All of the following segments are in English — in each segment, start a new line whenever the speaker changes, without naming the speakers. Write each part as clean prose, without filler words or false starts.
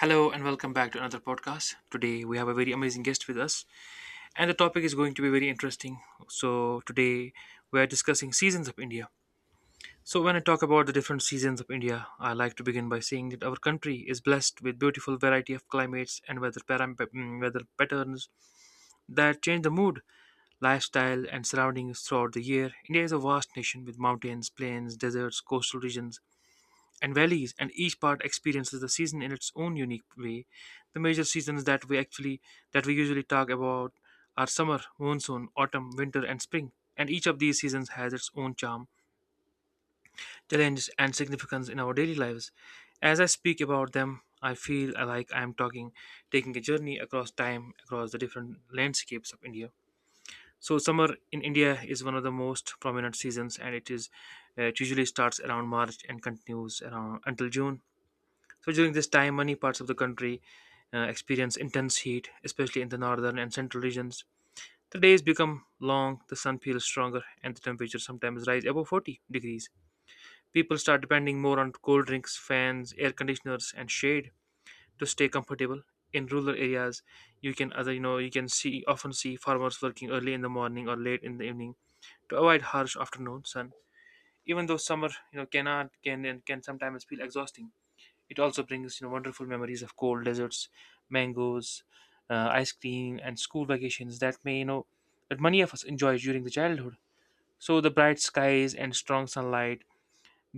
Hello and welcome back to another podcast. Today we have a very amazing guest with us, and the topic is going to be very interesting. So, today we are discussing seasons of India. So, when I talk about the different seasons of India, I like to begin by saying that our country is blessed with beautiful variety of climates and weather, weather patterns that change the mood, lifestyle, and surroundings throughout the year. India is a vast nation with mountains, plains, deserts, coastal regions, and valleys, and each part experiences the season in its own unique way. The major seasons that we usually talk about are summer, monsoon, autumn, winter, and spring. And each of these seasons has its own charm, challenges, and significance in our daily lives. As I speak about them, I feel like I am taking a journey across time, across the different landscapes of India. So, summer in India is one of the most prominent seasons, and it usually starts around March and continues around until June. So during this time, many parts of the country experience intense heat, especially in the northern and central regions. The days become long, the sun feels stronger, and the temperature sometimes rise above 40 degrees. People start depending more on cold drinks, fans, air conditioners, and shade to stay comfortable. In rural areas, you can other you know you can see often see farmers working early in the morning or late in the evening to avoid harsh afternoon sun. Even though summer you know cannot can and can sometimes feel exhausting. It also brings wonderful memories of cold deserts, mangoes, ice cream, and school vacations that may you know that many of us enjoy during the childhood. So the bright skies and strong sunlight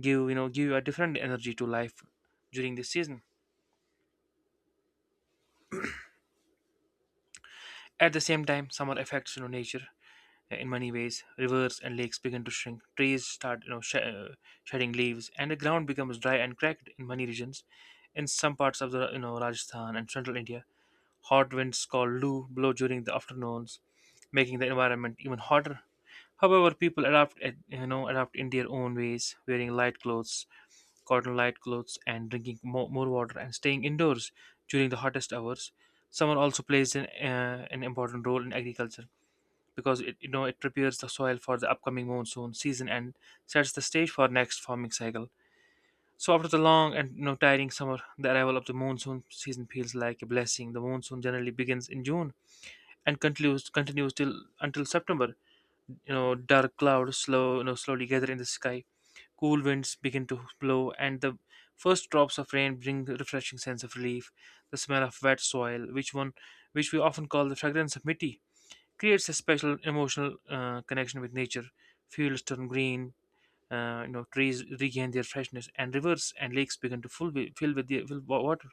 give you a different energy to life during this season. At the same time, summer affects nature in many ways. Rivers and lakes begin to shrink. Trees start, shedding leaves, and the ground becomes dry and cracked in many regions. In some parts of Rajasthan and central India, hot winds called Lou blow during the afternoons, making the environment even hotter. However, people adapt, at- you know, adapt in their own ways, wearing light clothes, cotton light clothes, and drinking more water and staying indoors during the hottest hours. Summer also plays an important role in agriculture because it prepares the soil for the upcoming monsoon season and sets the stage for next farming cycle. So after the long and tiring summer, the arrival of the monsoon season feels like a blessing. The monsoon generally begins in June and continues continues till until September. You know, dark clouds slowly gather in the sky. Cool winds begin to blow, and the first drops of rain bring a refreshing sense of relief. The smell of wet soil, which we often call the fragrance of mitti, creates a special emotional connection with nature. Fields turn green, trees regain their freshness, and rivers and lakes begin to full fill with the fill wa- water.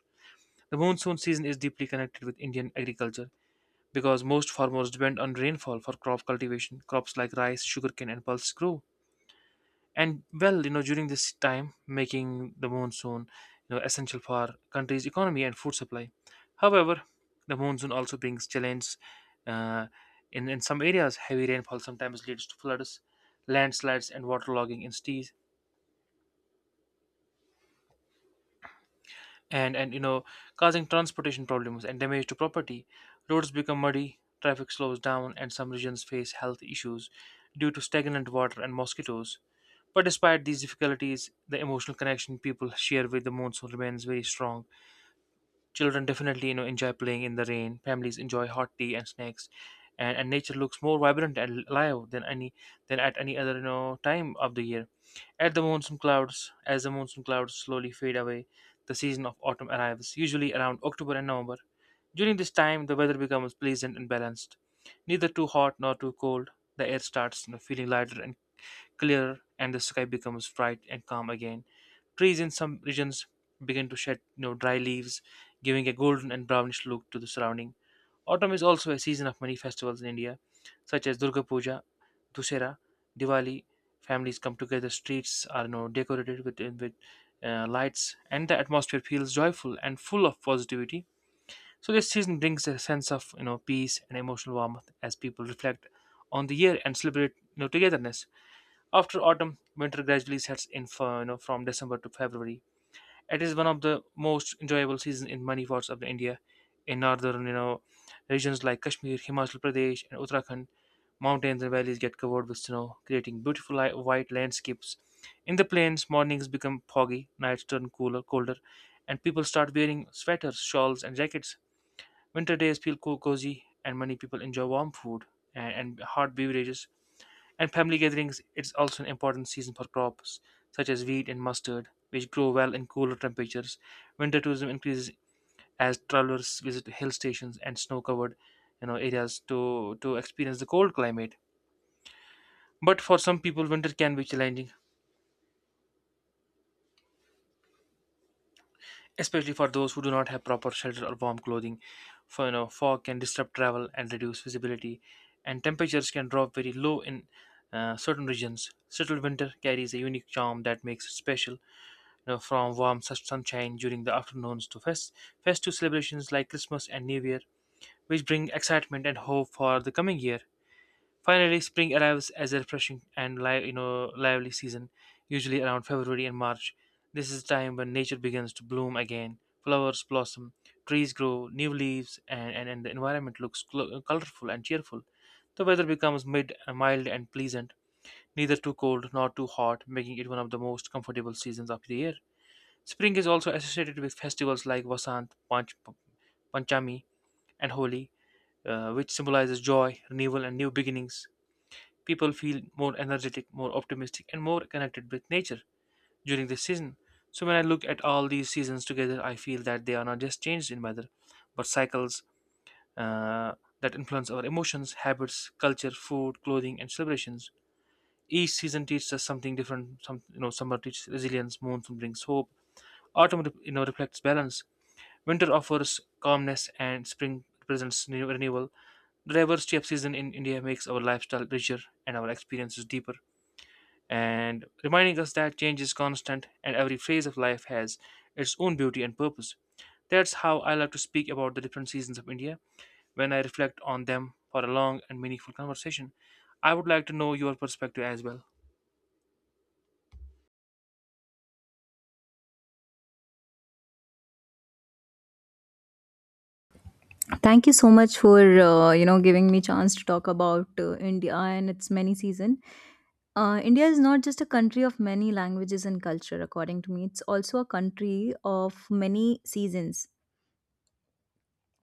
The monsoon season is deeply connected with Indian agriculture because most farmers depend on rainfall for crop cultivation. Crops like rice, sugarcane, and pulses grow and well, during this time, making the monsoon essential for country's economy and food supply. However, the monsoon also brings challenges. uh, in some areas, heavy rainfall sometimes leads to floods, landslides, and waterlogging in cities, and you know causing transportation problems and damage to property. Roads become muddy, traffic slows down, and some regions face health issues due to stagnant water and mosquitoes. But despite these difficulties, the emotional connection people share with the monsoon remains very strong. Children definitely enjoy playing in the rain. Families enjoy hot tea and snacks, and nature looks more vibrant and alive than at any other time of the year. At the monsoon clouds, as the monsoon clouds slowly fade away, the season of autumn arrives, usually around October and November. During this time, the weather becomes pleasant and balanced, neither too hot nor too cold. The air starts feeling lighter and clear, and the sky becomes bright and calm again. Trees in some regions begin to shed dry leaves, giving a golden and brownish look to the surrounding. Autumn is also a season of many festivals in India, such as Durga Puja, Dussehra, Diwali. Families come together, streets are decorated with, with lights, and the atmosphere feels joyful and full of positivity. So this season brings a sense of peace and emotional warmth as people reflect on the year and celebrate togetherness. After autumn, winter gradually sets in for, from December to February. It is one of the most enjoyable seasons in many parts of India. In northern, regions like Kashmir, Himachal Pradesh, and Uttarakhand, mountains and valleys get covered with snow, creating beautiful white landscapes. In the plains, mornings become foggy, nights turn colder, and people start wearing sweaters, shawls, and jackets. Winter days feel cozy, and many people enjoy warm food and hot beverages and family gatherings. It's also an important season for crops such as wheat and mustard, which grow well in cooler temperatures. Winter tourism increases as travelers visit hill stations and snow-covered, areas to experience the cold climate. But for some people, winter can be challenging, especially for those who do not have proper shelter or warm clothing. Fog can disrupt travel and reduce visibility, and temperatures can drop very low in certain regions. Settled winter carries a unique charm that makes it special, from warm such sunshine during the afternoons to festive celebrations like Christmas and New Year, which bring excitement and hope for the coming year. Finally, spring arrives as a refreshing and lively season, usually around February and March. This is the time when nature begins to bloom again. Flowers blossom, trees grow, new leaves, and the environment looks colorful and cheerful. The weather becomes mild and pleasant, neither too cold nor too hot, making it one of the most comfortable seasons of the year. Spring is also associated with festivals like Panchami and Holi, which symbolizes joy, renewal, and new beginnings. People feel more energetic, more optimistic, and more connected with nature during this season. So, when I look at all these seasons together, I feel that they are not just changes in weather, but cycles uh, that influence our emotions, habits, culture, food, clothing, and celebrations. Each season teaches us something different. Summer teaches resilience, monsoon brings hope, autumn, reflects balance, winter offers calmness, and spring presents new renewal. The diversity of season in India makes our lifestyle richer and our experiences deeper, and reminding us that change is constant and every phase of life has its own beauty and purpose. That's how I like to speak about the different seasons of India when I reflect on them for a long and meaningful conversation. I would like to know your perspective as well.
Thank you so much for giving me chance to talk about India and its many season. India is not just a country of many languages and culture. According to me, it's also a country of many seasons.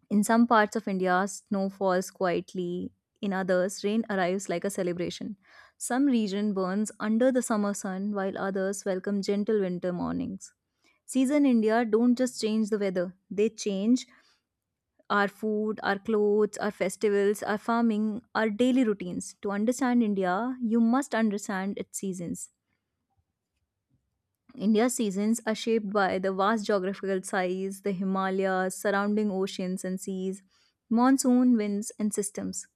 In some parts of India, snow falls quietly. In others, rain arrives like a celebration. Some region burns under the summer sun, while others welcome gentle winter mornings. Season India don't just change the weather; they change our food, our clothes, our festivals, our farming, our daily routines. To understand India, you must understand its seasons. India's seasons are shaped by the vast geographical size, the Himalayas, surrounding oceans and seas, monsoon winds, and systems.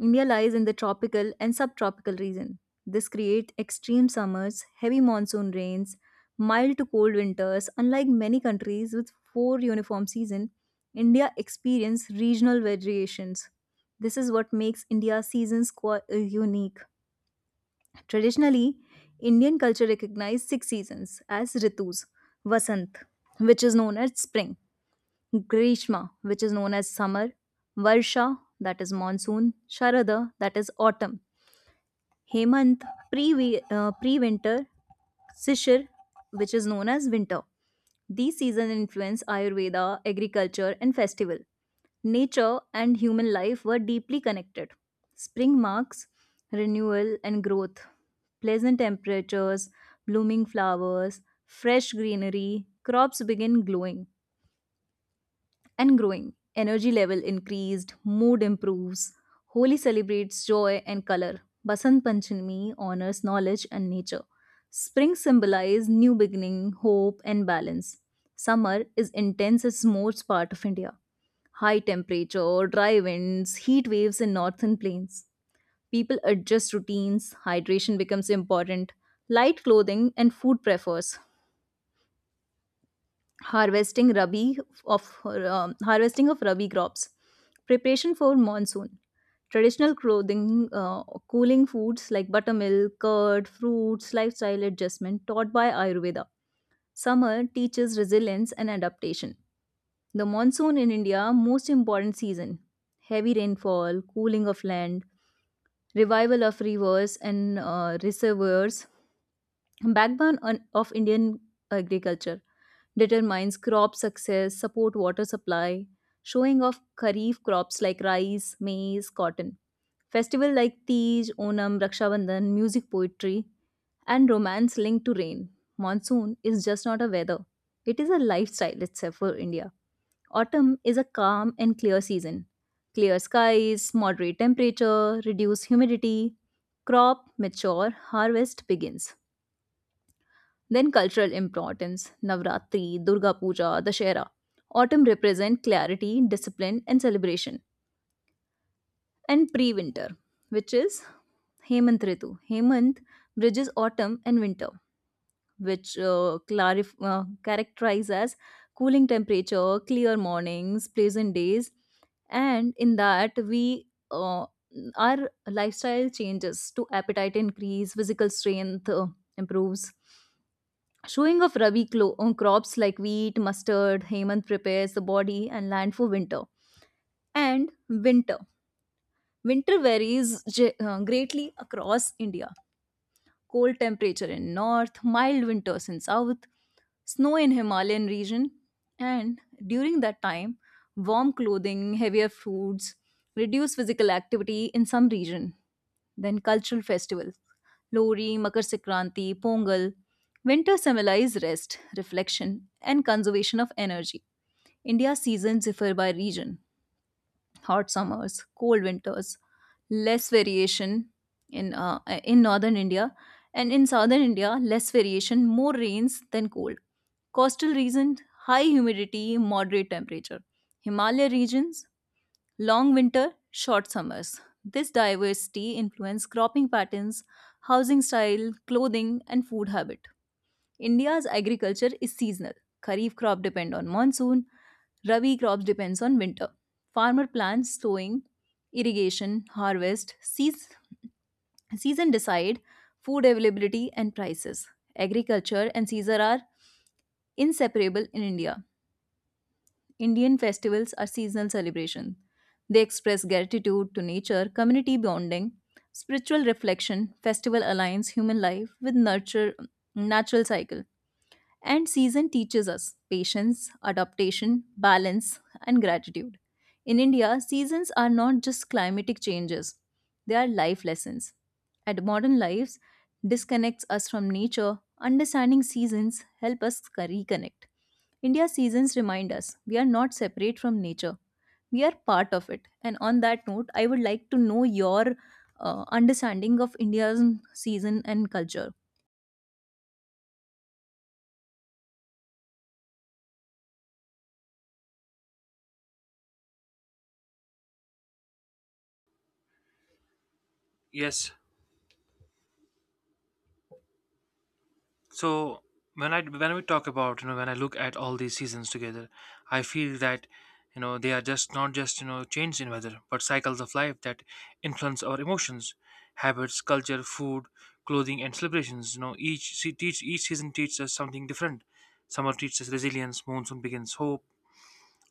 India lies in the tropical and subtropical region. This creates extreme summers, heavy monsoon rains, mild to cold winters. Unlike many countries with four uniform seasons, India experiences regional variations. This is what makes India's seasons unique. Traditionally, Indian culture recognized six seasons as Ritus, Vasant, which is known as spring, Grishma, which is known as summer, Varsha, that is monsoon, Sharada, that is autumn, Hemant, pre winter, Sishir, which is known as winter. These seasons influence Ayurveda, agriculture, and festival. Nature and human life were deeply connected. Spring marks renewal and growth. Pleasant temperatures, blooming flowers, fresh greenery, crops begin glowing and growing. Energy level increased, mood improves. Holi celebrates joy and color. Basant Panchami honors knowledge and nature. Spring symbolizes new beginning, hope, and balance. Summer is intense as most part of India. High temperature, dry winds, heat waves in northern plains. People adjust routines, hydration becomes important. Light clothing and food prefers harvesting rabi of harvesting of rabi crops, preparation for monsoon, traditional clothing, cooling foods like buttermilk, curd, fruits, lifestyle adjustment taught by Ayurveda. Summer teaches resilience and adaptation. The monsoon in India, most important season, heavy rainfall, cooling of land, revival of rivers and reservoirs, backbone of Indian agriculture, determines crop success, support water supply, showing of kharif crops like rice, maize, cotton. Festival like Tej, Onam, Raksha Bandhan, music, poetry, and romance linked to rain. Monsoon is just not a weather, it is a lifestyle itself for India. Autumn is a calm and clear season. Clear skies, moderate temperature, reduced humidity, crop mature, harvest begins, then cultural importance, Navratri, Durga Puja, Dashera. Autumn represent clarity, discipline, and celebration. And pre winter, which is Hemant Ritu. Hemant bridges autumn and winter, which characterize as cooling temperature, clear mornings, pleasant days, and in that we our lifestyle changes to appetite increase, physical strength, improves, showing of Rabi crops like wheat, mustard. Hemant prepares the body and land for winter. And winter. Winter varies greatly across India, cold temperature in north, mild winters in south, snow in Himalayan region, and during that time, warm clothing, heavier foods, reduced physical activity in some region. Then cultural festivals, Lori, Makar Sankranti, Pongal. Winter symbolize rest, reflection, and conservation of energy. India's seasons differ by region, hot summers, cold winters, less variation in northern India, and in southern India, less variation, more rains than cold. Coastal regions, high humidity, moderate temperature. Himalaya regions, long winter, short summers. This diversity influences cropping patterns, housing style, clothing, and food habits. India's agriculture is seasonal. Kharif crop depend on monsoon, Rabi crops depends on winter. Farmer plans sowing, irrigation, harvest, season decide food availability and prices. Agriculture and season are inseparable in India. Indian festivals are seasonal celebrations. They express gratitude to nature, community bonding, spiritual reflection. Festival aligns human life with nurture, natural cycle. And season teaches us patience, adaptation, balance, and gratitude. In India, seasons are not just climatic changes, they are life lessons. And modern lives disconnects us from nature. Understanding seasons help us reconnect. India's seasons remind us we are not separate from nature. We are part of it. And on that note, I would like to know your understanding of India's season and culture.
Yes. So when we talk about, when I look at all these seasons together, I feel that you know they are just not just you know change in weather, but cycles of life that influence our emotions, habits, culture, food, clothing, and celebrations. Each season teaches us something different. Summer teaches resilience, monsoon begins hope,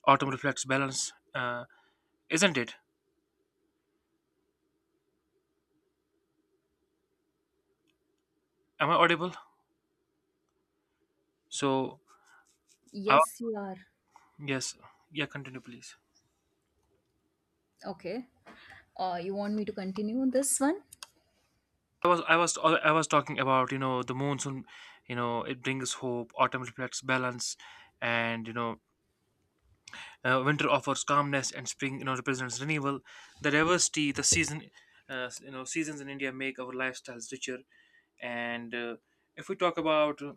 autumn reflects balance. Isn't it? Am I audible? So uh,
Yes, you are.
yes, yeah, continue please.
Okay. You want me to continue this one?
I was talking about, the monsoon, it brings hope. Autumn reflects balance, and winter offers calmness, and spring represents renewal. The diversity, the season, seasons in India make our lifestyles richer. And if we talk about uh,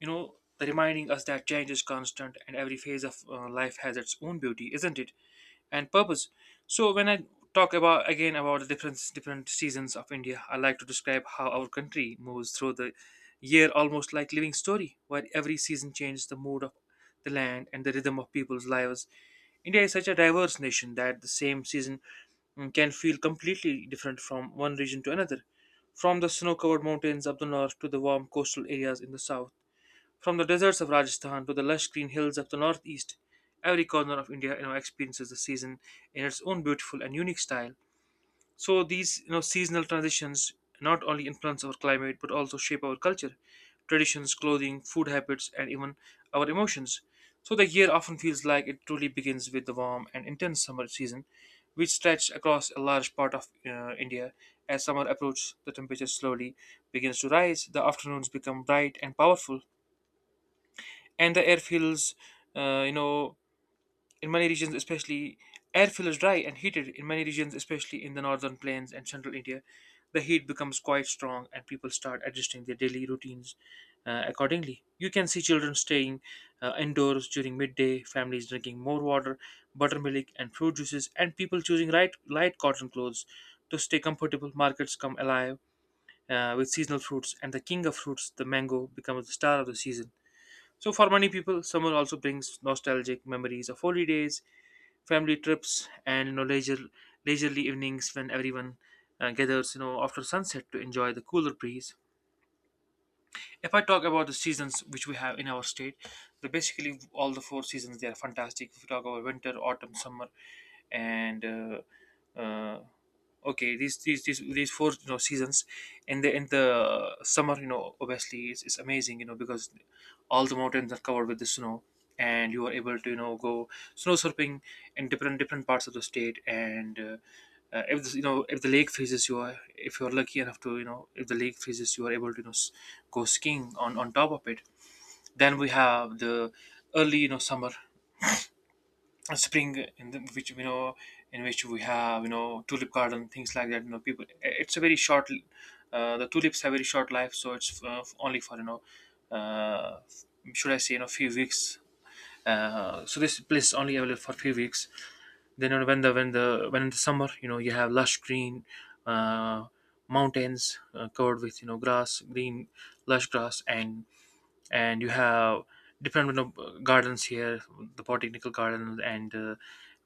you know the reminding us that change is constant and every phase of life has its own beauty, isn't it? And purpose. So when I talk about again about the different seasons of India, I like to describe how our country moves through the year almost like living story, where every season changes the mood of the land and the rhythm of people's lives. India is such a diverse nation that the same season can feel completely different from one region to another. From the snow covered mountains up the north to the warm coastal areas in the south, from the deserts of Rajasthan to the lush green hills of the northeast, every corner of India, you know, experiences the season in its own beautiful and unique style. So these, you know, seasonal transitions not only influence our climate but also shape our culture, traditions, clothing, food habits, and even our emotions. So the year often feels like it truly begins with the warm and intense summer season, which stretched across a large part of India. As summer approaches, the temperature slowly begins to rise. The afternoons become bright and powerful, and the air feels you know in many regions especially air feels dry and heated in many regions, especially in the northern plains and central India. The heat becomes quite strong, and people start adjusting their daily routines accordingly. You can see children staying indoors during midday, families drinking more water, buttermilk and fruit juices, and people choosing light cotton clothes to stay comfortable. Markets come alive with seasonal fruits, and the king of fruits, the mango, becomes the star of the season. So, for many people, summer also brings nostalgic memories of holidays, family trips, and you know, leisurely evenings when everyone gathers, you know, after sunset to enjoy the cooler breeze. If I talk about the seasons which we have in our state, the basically all the four seasons they are fantastic. If you talk about winter, autumn, summer, and okay, these four, you know, seasons, in the summer, you know, obviously it's amazing, you know, because all the mountains are covered with the snow, and you are able to, you know, go snow surfing in different different parts of the state, and if this, you know, if the lake freezes you are if you're lucky enough to, you know, if the lake freezes, you are able to, you know, go skiing on top of it. Then we have the early, you know, summer spring in the, which, you know, in which we have, you know, tulip garden things like that, you know. People, it's a very short, the tulips have very short life, so it's, only for, you know, uh, should I say, you know, few weeks. So this place is only available for few weeks. Then, you know, when the when the when in the summer, you know, you have lush green uh, mountains, covered with, you know, grass green lush grass, and you have Department of Gardens here, the Botanical Gardens and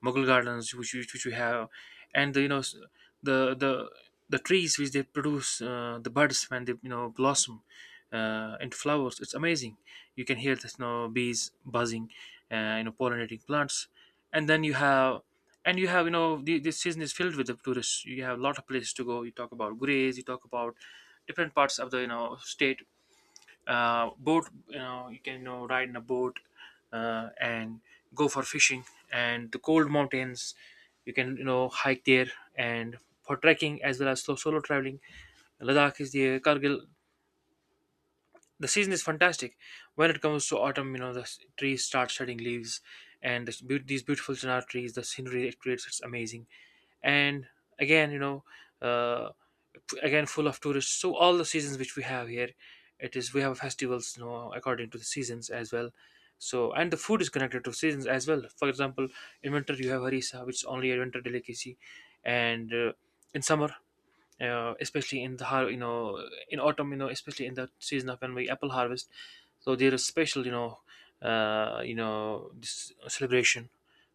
Mughal Gardens, which which we have, and the, you know, the the trees which they produce, the buds when they, you know, blossom into flowers. It's amazing. You can hear the, you know, bees buzzing, you know, pollinating plants, and then you have. And you have, you know, the, this season is filled with the tourists. You have a lot of places to go. You talk about Gurez, you talk about different parts of the, you know, state. Boat, you know, you can, you know, ride in a boat and go for fishing, and the cold mountains, you can, you know, hike there, and for trekking as well as solo traveling. Ladakh is the Kargil, the season is fantastic. When it comes to autumn, you know, the trees start shedding leaves, and the these beautiful chinar trees, the scenery it creates, it's amazing. And again, you know, uh, again full of tourists. So all the seasons which we have here, it is we have festivals, you know, according to the seasons as well. So and the food is connected to seasons as well. For example, in winter you have harissa, which is only a winter delicacy, and in summer especially in the har- you know, in autumn, you know, especially in the season of when we apple harvest, so there is special, you know, you know, this celebration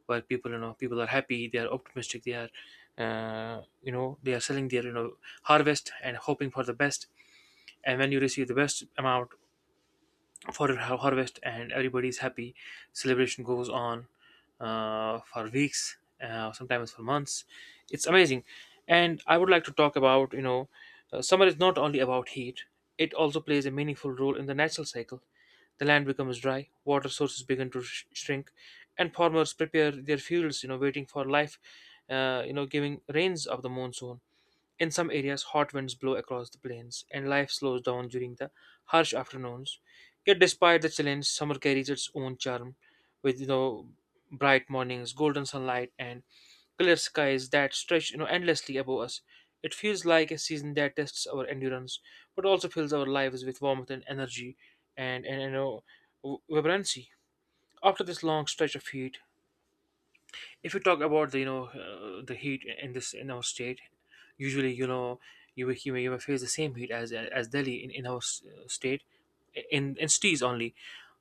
where people, you know, people are happy, they are optimistic, they are you know, they are selling their, you know, harvest, and hoping for the best. And when you receive the best amount for harvest, and everybody's happy, celebration goes on for weeks, sometimes for months. It's amazing. And I would like to talk about, you know, summer is not only about heat, it also plays a meaningful role in the natural cycle. The land becomes dry, water sources begin to shrink, and farmers prepare their fields, you know, waiting for life you know, giving rains of the monsoon. In some areas, hot winds blow across the plains, and life slows down during the harsh afternoons. Yet, despite the challenge, summer carries its own charm, with, you know, bright mornings, golden sunlight, and clear skies that stretch, you know, endlessly above us. It feels like a season that tests our endurance, but also fills our lives with warmth and energy, and you know, vibrancy. After this long stretch of heat, if you talk about the, you know, the heat in this in our state, usually, you know, you will, you may face the same heat as Delhi in our state, in cities only.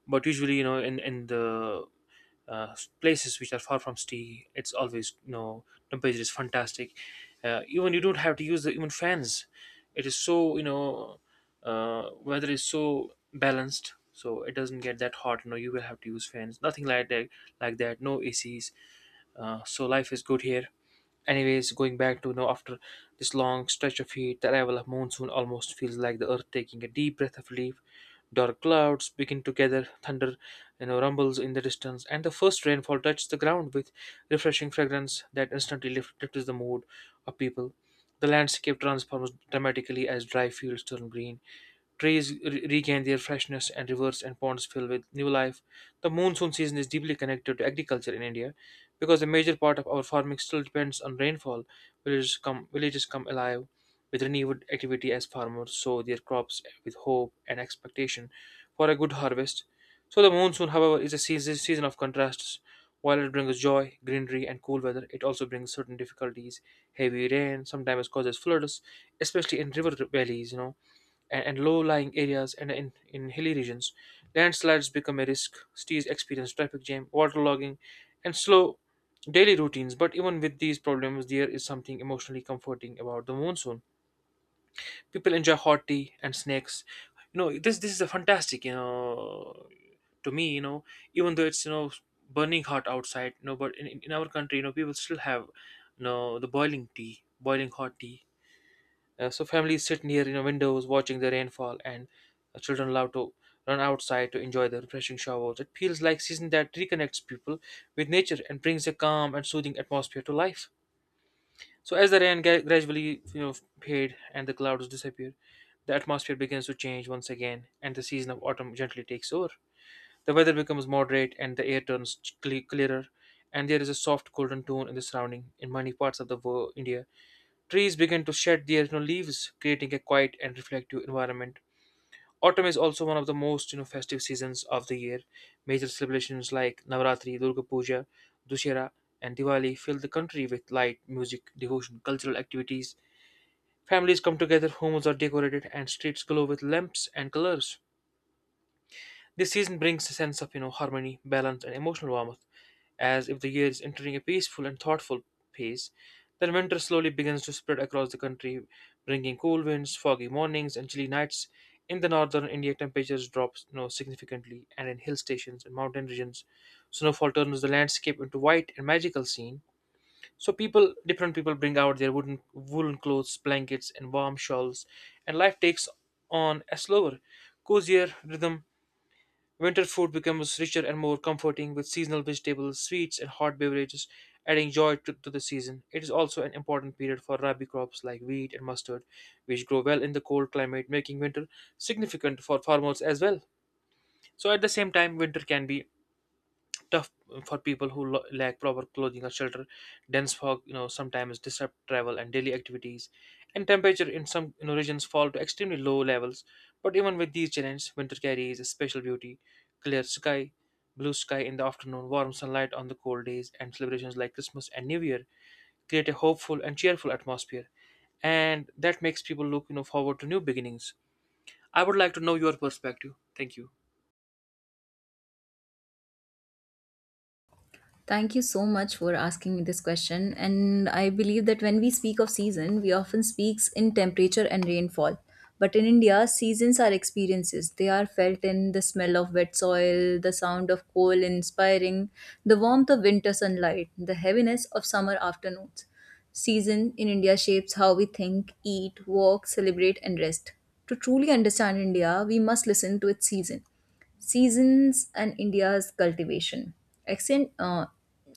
But usually, you know, in the places which are far from city, it's always, you know, temperature is fantastic. Even you don't have to use the even fans, it is so, you know, weather is so balanced, so it doesn't get that hot, you know, you will have to use fans, nothing like that no ACs. So life is good here. Anyways, going back to, you know, after this long stretch of heat, the arrival of monsoon almost feels like the earth taking a deep breath of relief. Dark clouds begin to gather, thunder, you know, rumbles in the distance, and the first rainfall touches the ground with refreshing fragrance that instantly lifts the mood of people. The landscape transforms dramatically as dry fields turn green, trees regain their freshness, and rivers and ponds fill with new life. The monsoon season is deeply connected to agriculture in India because a major part of our farming still depends on rainfall. Villages come alive with renewed activity as farmers sow their crops with hope and expectation for a good harvest. So, the monsoon, however, is a season of contrasts. While it brings joy, greenery, and cool weather, it also brings certain difficulties. Heavy rain sometimes causes floods, especially in river valleys, you know, and low-lying areas, and in hilly regions. Landslides become a risk. Cities experience traffic jam, waterlogging, and slow daily routines. But even with these problems, there is something emotionally comforting about the monsoon. People enjoy hot tea and snacks. You know, this is a fantastic. You know, to me, you know, even though it's, you know, burning hot outside, you know, but in our country, you know, people still have, you know, the boiling hot tea, so families sit near, you know, windows watching the rainfall, and children love to run outside to enjoy the refreshing showers. It feels like season that reconnects people with nature and brings a calm and soothing atmosphere to life. So as the rain gradually, you know, fade and the clouds disappear, the atmosphere begins to change once again, and the season of autumn gently takes over. The weather becomes moderate, and the air turns clearer, and there is a soft golden tone in the surrounding in many parts of the world, India. Trees begin to shed their, you know, leaves, creating a quiet and reflective environment. Autumn is also one of the most, you know, festive seasons of the year. Major celebrations like Navratri, Durga Puja, Dussehra, and Diwali fill the country with light, music, devotion, cultural activities. Families come together, homes are decorated, and streets glow with lamps and colors. This season brings a sense of, you know, harmony, balance, and emotional warmth, as if the year is entering a peaceful and thoughtful phase. Then winter slowly begins to spread across the country, bringing cool winds, foggy mornings, and chilly nights. In the northern India, temperatures drop, you know, significantly, and in hill stations and mountain regions, snowfall turns the landscape into white and magical scene. So different people, bring out their wooden woolen clothes, blankets, and warm shawls, and life takes on a slower, cozier rhythm. Winter food becomes richer and more comforting with seasonal vegetables, sweets, and hot beverages, adding joy to the season. It is also an important period for rabi crops like wheat and mustard, which grow well in the cold climate, making winter significant for farmers as well. So, at the same time, winter can be tough for people who lack proper clothing or shelter. Dense fog, you know, sometimes disrupt travel and daily activities, and temperature in some, you know, regions fall to extremely low levels. But even with these challenges, winter carries a special beauty: clear sky, blue sky in the afternoon, warm sunlight on the cold days, and celebrations like Christmas and New Year create a hopeful and cheerful atmosphere, and that makes people look, you know, forward to new beginnings. I would like to know your perspective. Thank you.
Thank you so much for asking me this question. And I believe that when we speak of season, we often speaks in temperature and rainfall. But in India, seasons are experiences. They are felt in the smell of wet soil, the sound of coal inspiring, the warmth of winter sunlight, the heaviness of summer afternoons. Season in India shapes how we think, eat, walk, celebrate, and rest. To truly understand India, we must listen to its season. Seasons and India's cultivation. Ancient, uh,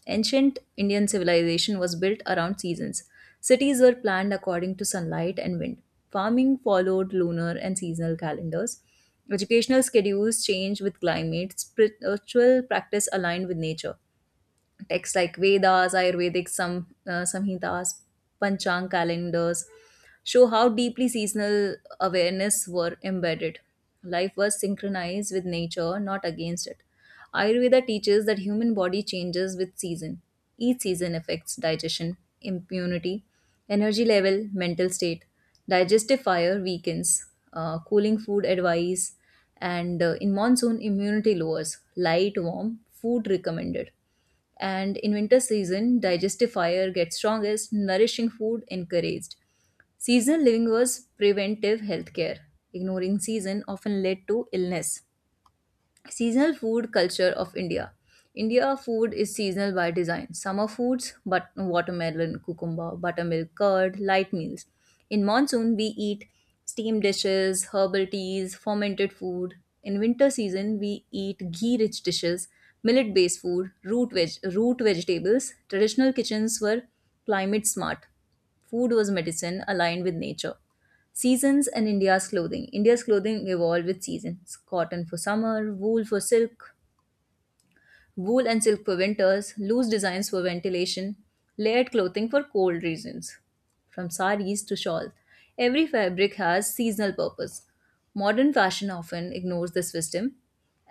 ancient Indian civilization was built around seasons. Cities were planned according to sunlight and wind. Farming followed lunar and seasonal calendars. Educational schedules changed with climate. Spiritual practice aligned with nature texts like Vedas, Ayurvedic, some Samhitas, Panchang calendars show how deeply seasonal awareness were embedded. Life was synchronized with nature, not against it. Ayurveda teaches that human body changes with season. Each season affects digestion, immunity, energy level, mental state. Digestive fire weakens, cooling food advice, and in monsoon immunity lowers. Light, warm food recommended, and in winter season, digestive fire gets strongest, nourishing food encouraged. Seasonal living was preventive healthcare. Ignoring season often led to illness. Seasonal food culture of India. India food is seasonal by design. Summer foods, but watermelon, cucumber, buttermilk, curd, light meals. In monsoon, we eat steamed dishes, herbal teas, fermented food. In winter season, we eat ghee-rich dishes, millet-based food, root vegetables. Traditional kitchens were climate smart. Food was medicine aligned with nature. Seasons and India's clothing. India's clothing evolved with seasons. Cotton for summer, wool for silk, wool and silk for winters, loose designs for ventilation, layered clothing for cold regions. From saris to shawls, every fabric has seasonal purpose. Modern fashion often ignores this wisdom,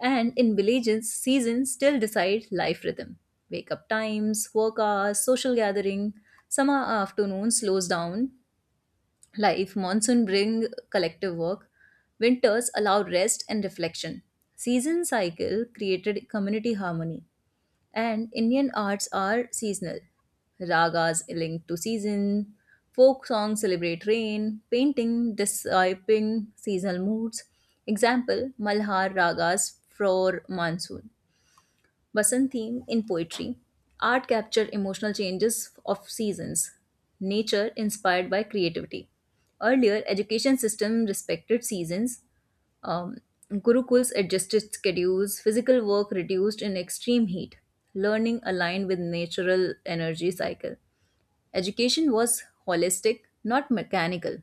and in villages, seasons still decide life rhythm. Wake up times, work hours, social gathering, summer afternoon slows down life, monsoon bring collective work, winters allow rest and reflection. Season cycle created community harmony, and Indian arts are seasonal. Ragas linked to season, folk songs celebrate rain, painting describing seasonal moods. Example: Malhar ragas for monsoon. Basant theme in poetry. Art capture emotional changes of seasons. Nature inspired by creativity. Earlier, education system respected seasons. Um, Gurukuls adjusted schedules. Physical work reduced in extreme heat. Learning aligned with natural energy cycle. Education was holistic, not mechanical,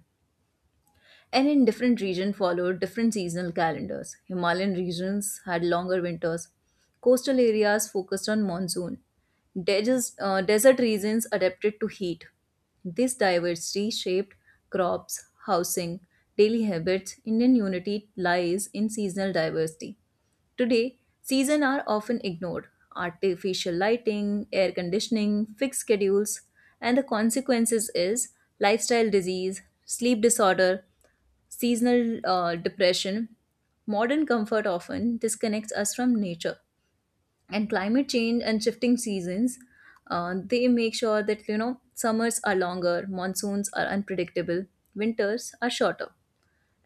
and in different regions, followed different seasonal calendars. Himalayan regions had longer winters. Coastal areas focused on monsoon. Desert regions adapted to heat. This diversity shaped crops, housing, daily habits. Indian unity lies in seasonal diversity. Today, seasons are often ignored. Artificial lighting, air conditioning, fixed schedules, and the consequences is lifestyle disease, sleep disorder, seasonal depression, modern comfort often disconnects us from nature. And climate change and shifting seasons, they make sure that you know summers are longer, monsoons are unpredictable, winters are shorter,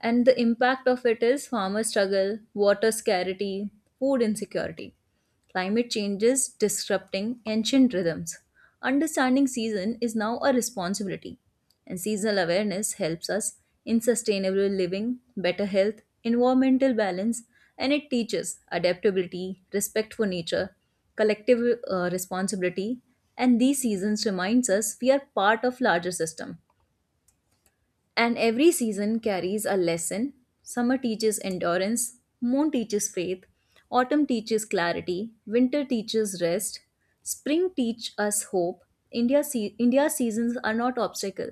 and the impact of it is farmer struggle, water scarcity, food insecurity. Climate change is disrupting ancient rhythms. Understanding season is now a responsibility, and seasonal awareness helps us in sustainable living, better health, environmental balance, and it teaches adaptability, respect for nature, collective responsibility, and these seasons reminds us we are part of larger system and every season carries a lesson. Summer teaches endurance, moon teaches faith, autumn teaches clarity, winter teaches rest, spring teach us hope. India's seasons are not obstacle;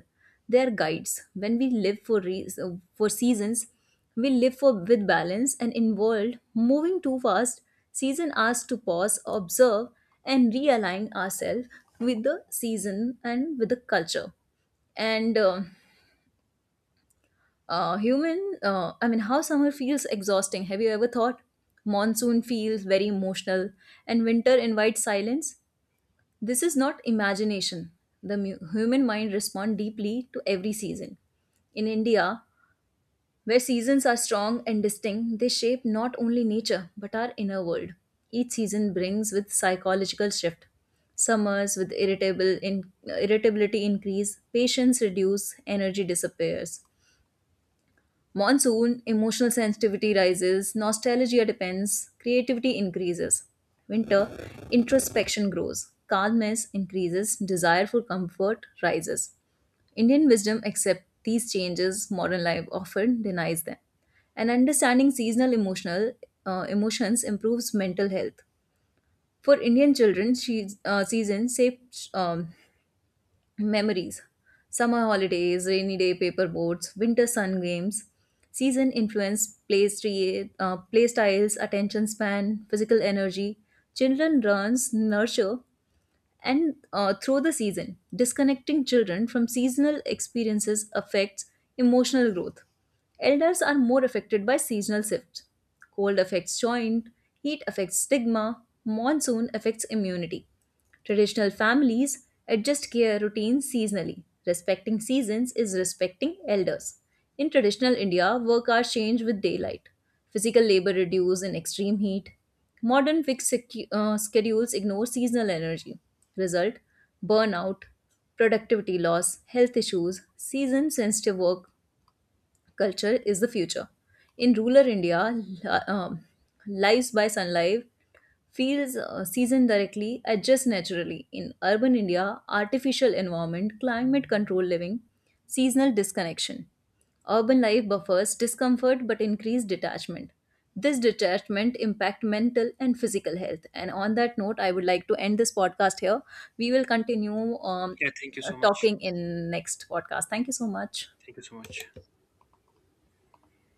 they are guides. When we for seasons, we live for with balance and in world moving too fast, season asks to pause, observe, and realign ourselves with the season and with the culture, and human I mean, how summer feels exhausting, have you ever thought monsoon feels very emotional and winter invites silence? This is not imagination. The human mind responds deeply to every season in India, where seasons are strong and distinct. They shape not only nature but our inner world. Each season brings with psychological shift. Summers with irritability increase, patience reduce, energy disappears. Monsoon, emotional sensitivity rises, nostalgia depends, creativity increases. Winter, introspection grows, calmness increases, desire for comfort rises. Indian wisdom accepts these changes, modern life often denies them. And understanding seasonal emotional emotions improves mental health. For Indian children, seasons shape, um, memories. Summer holidays, rainy day paper boats, winter sun games, season influence, play, play styles, attention span, physical energy. Children runs nurture and through the season. Disconnecting children from seasonal experiences affects emotional growth. Elders are more affected by seasonal shifts. Cold affects joint, heat affects stigma, monsoon affects immunity. Traditional families adjust care routines seasonally. Respecting seasons is respecting elders. In traditional India, work hours change with daylight. Physical labor reduces in extreme heat. Modern fixed schedules ignore seasonal energy. Result burnout, productivity loss, health issues, season sensitive work culture is the future. In rural India, li- um, lives by sunlight, feels seasoned directly, adjust naturally. In urban India, artificial environment, climate control living, seasonal disconnection. Urban life buffers discomfort but increase detachment. This detachment impact mental and physical health. And on that note, I would like to end this podcast here. We will continue
Yeah, thank you so much.
talking in next podcast. Thank you so much.
Thank you so much.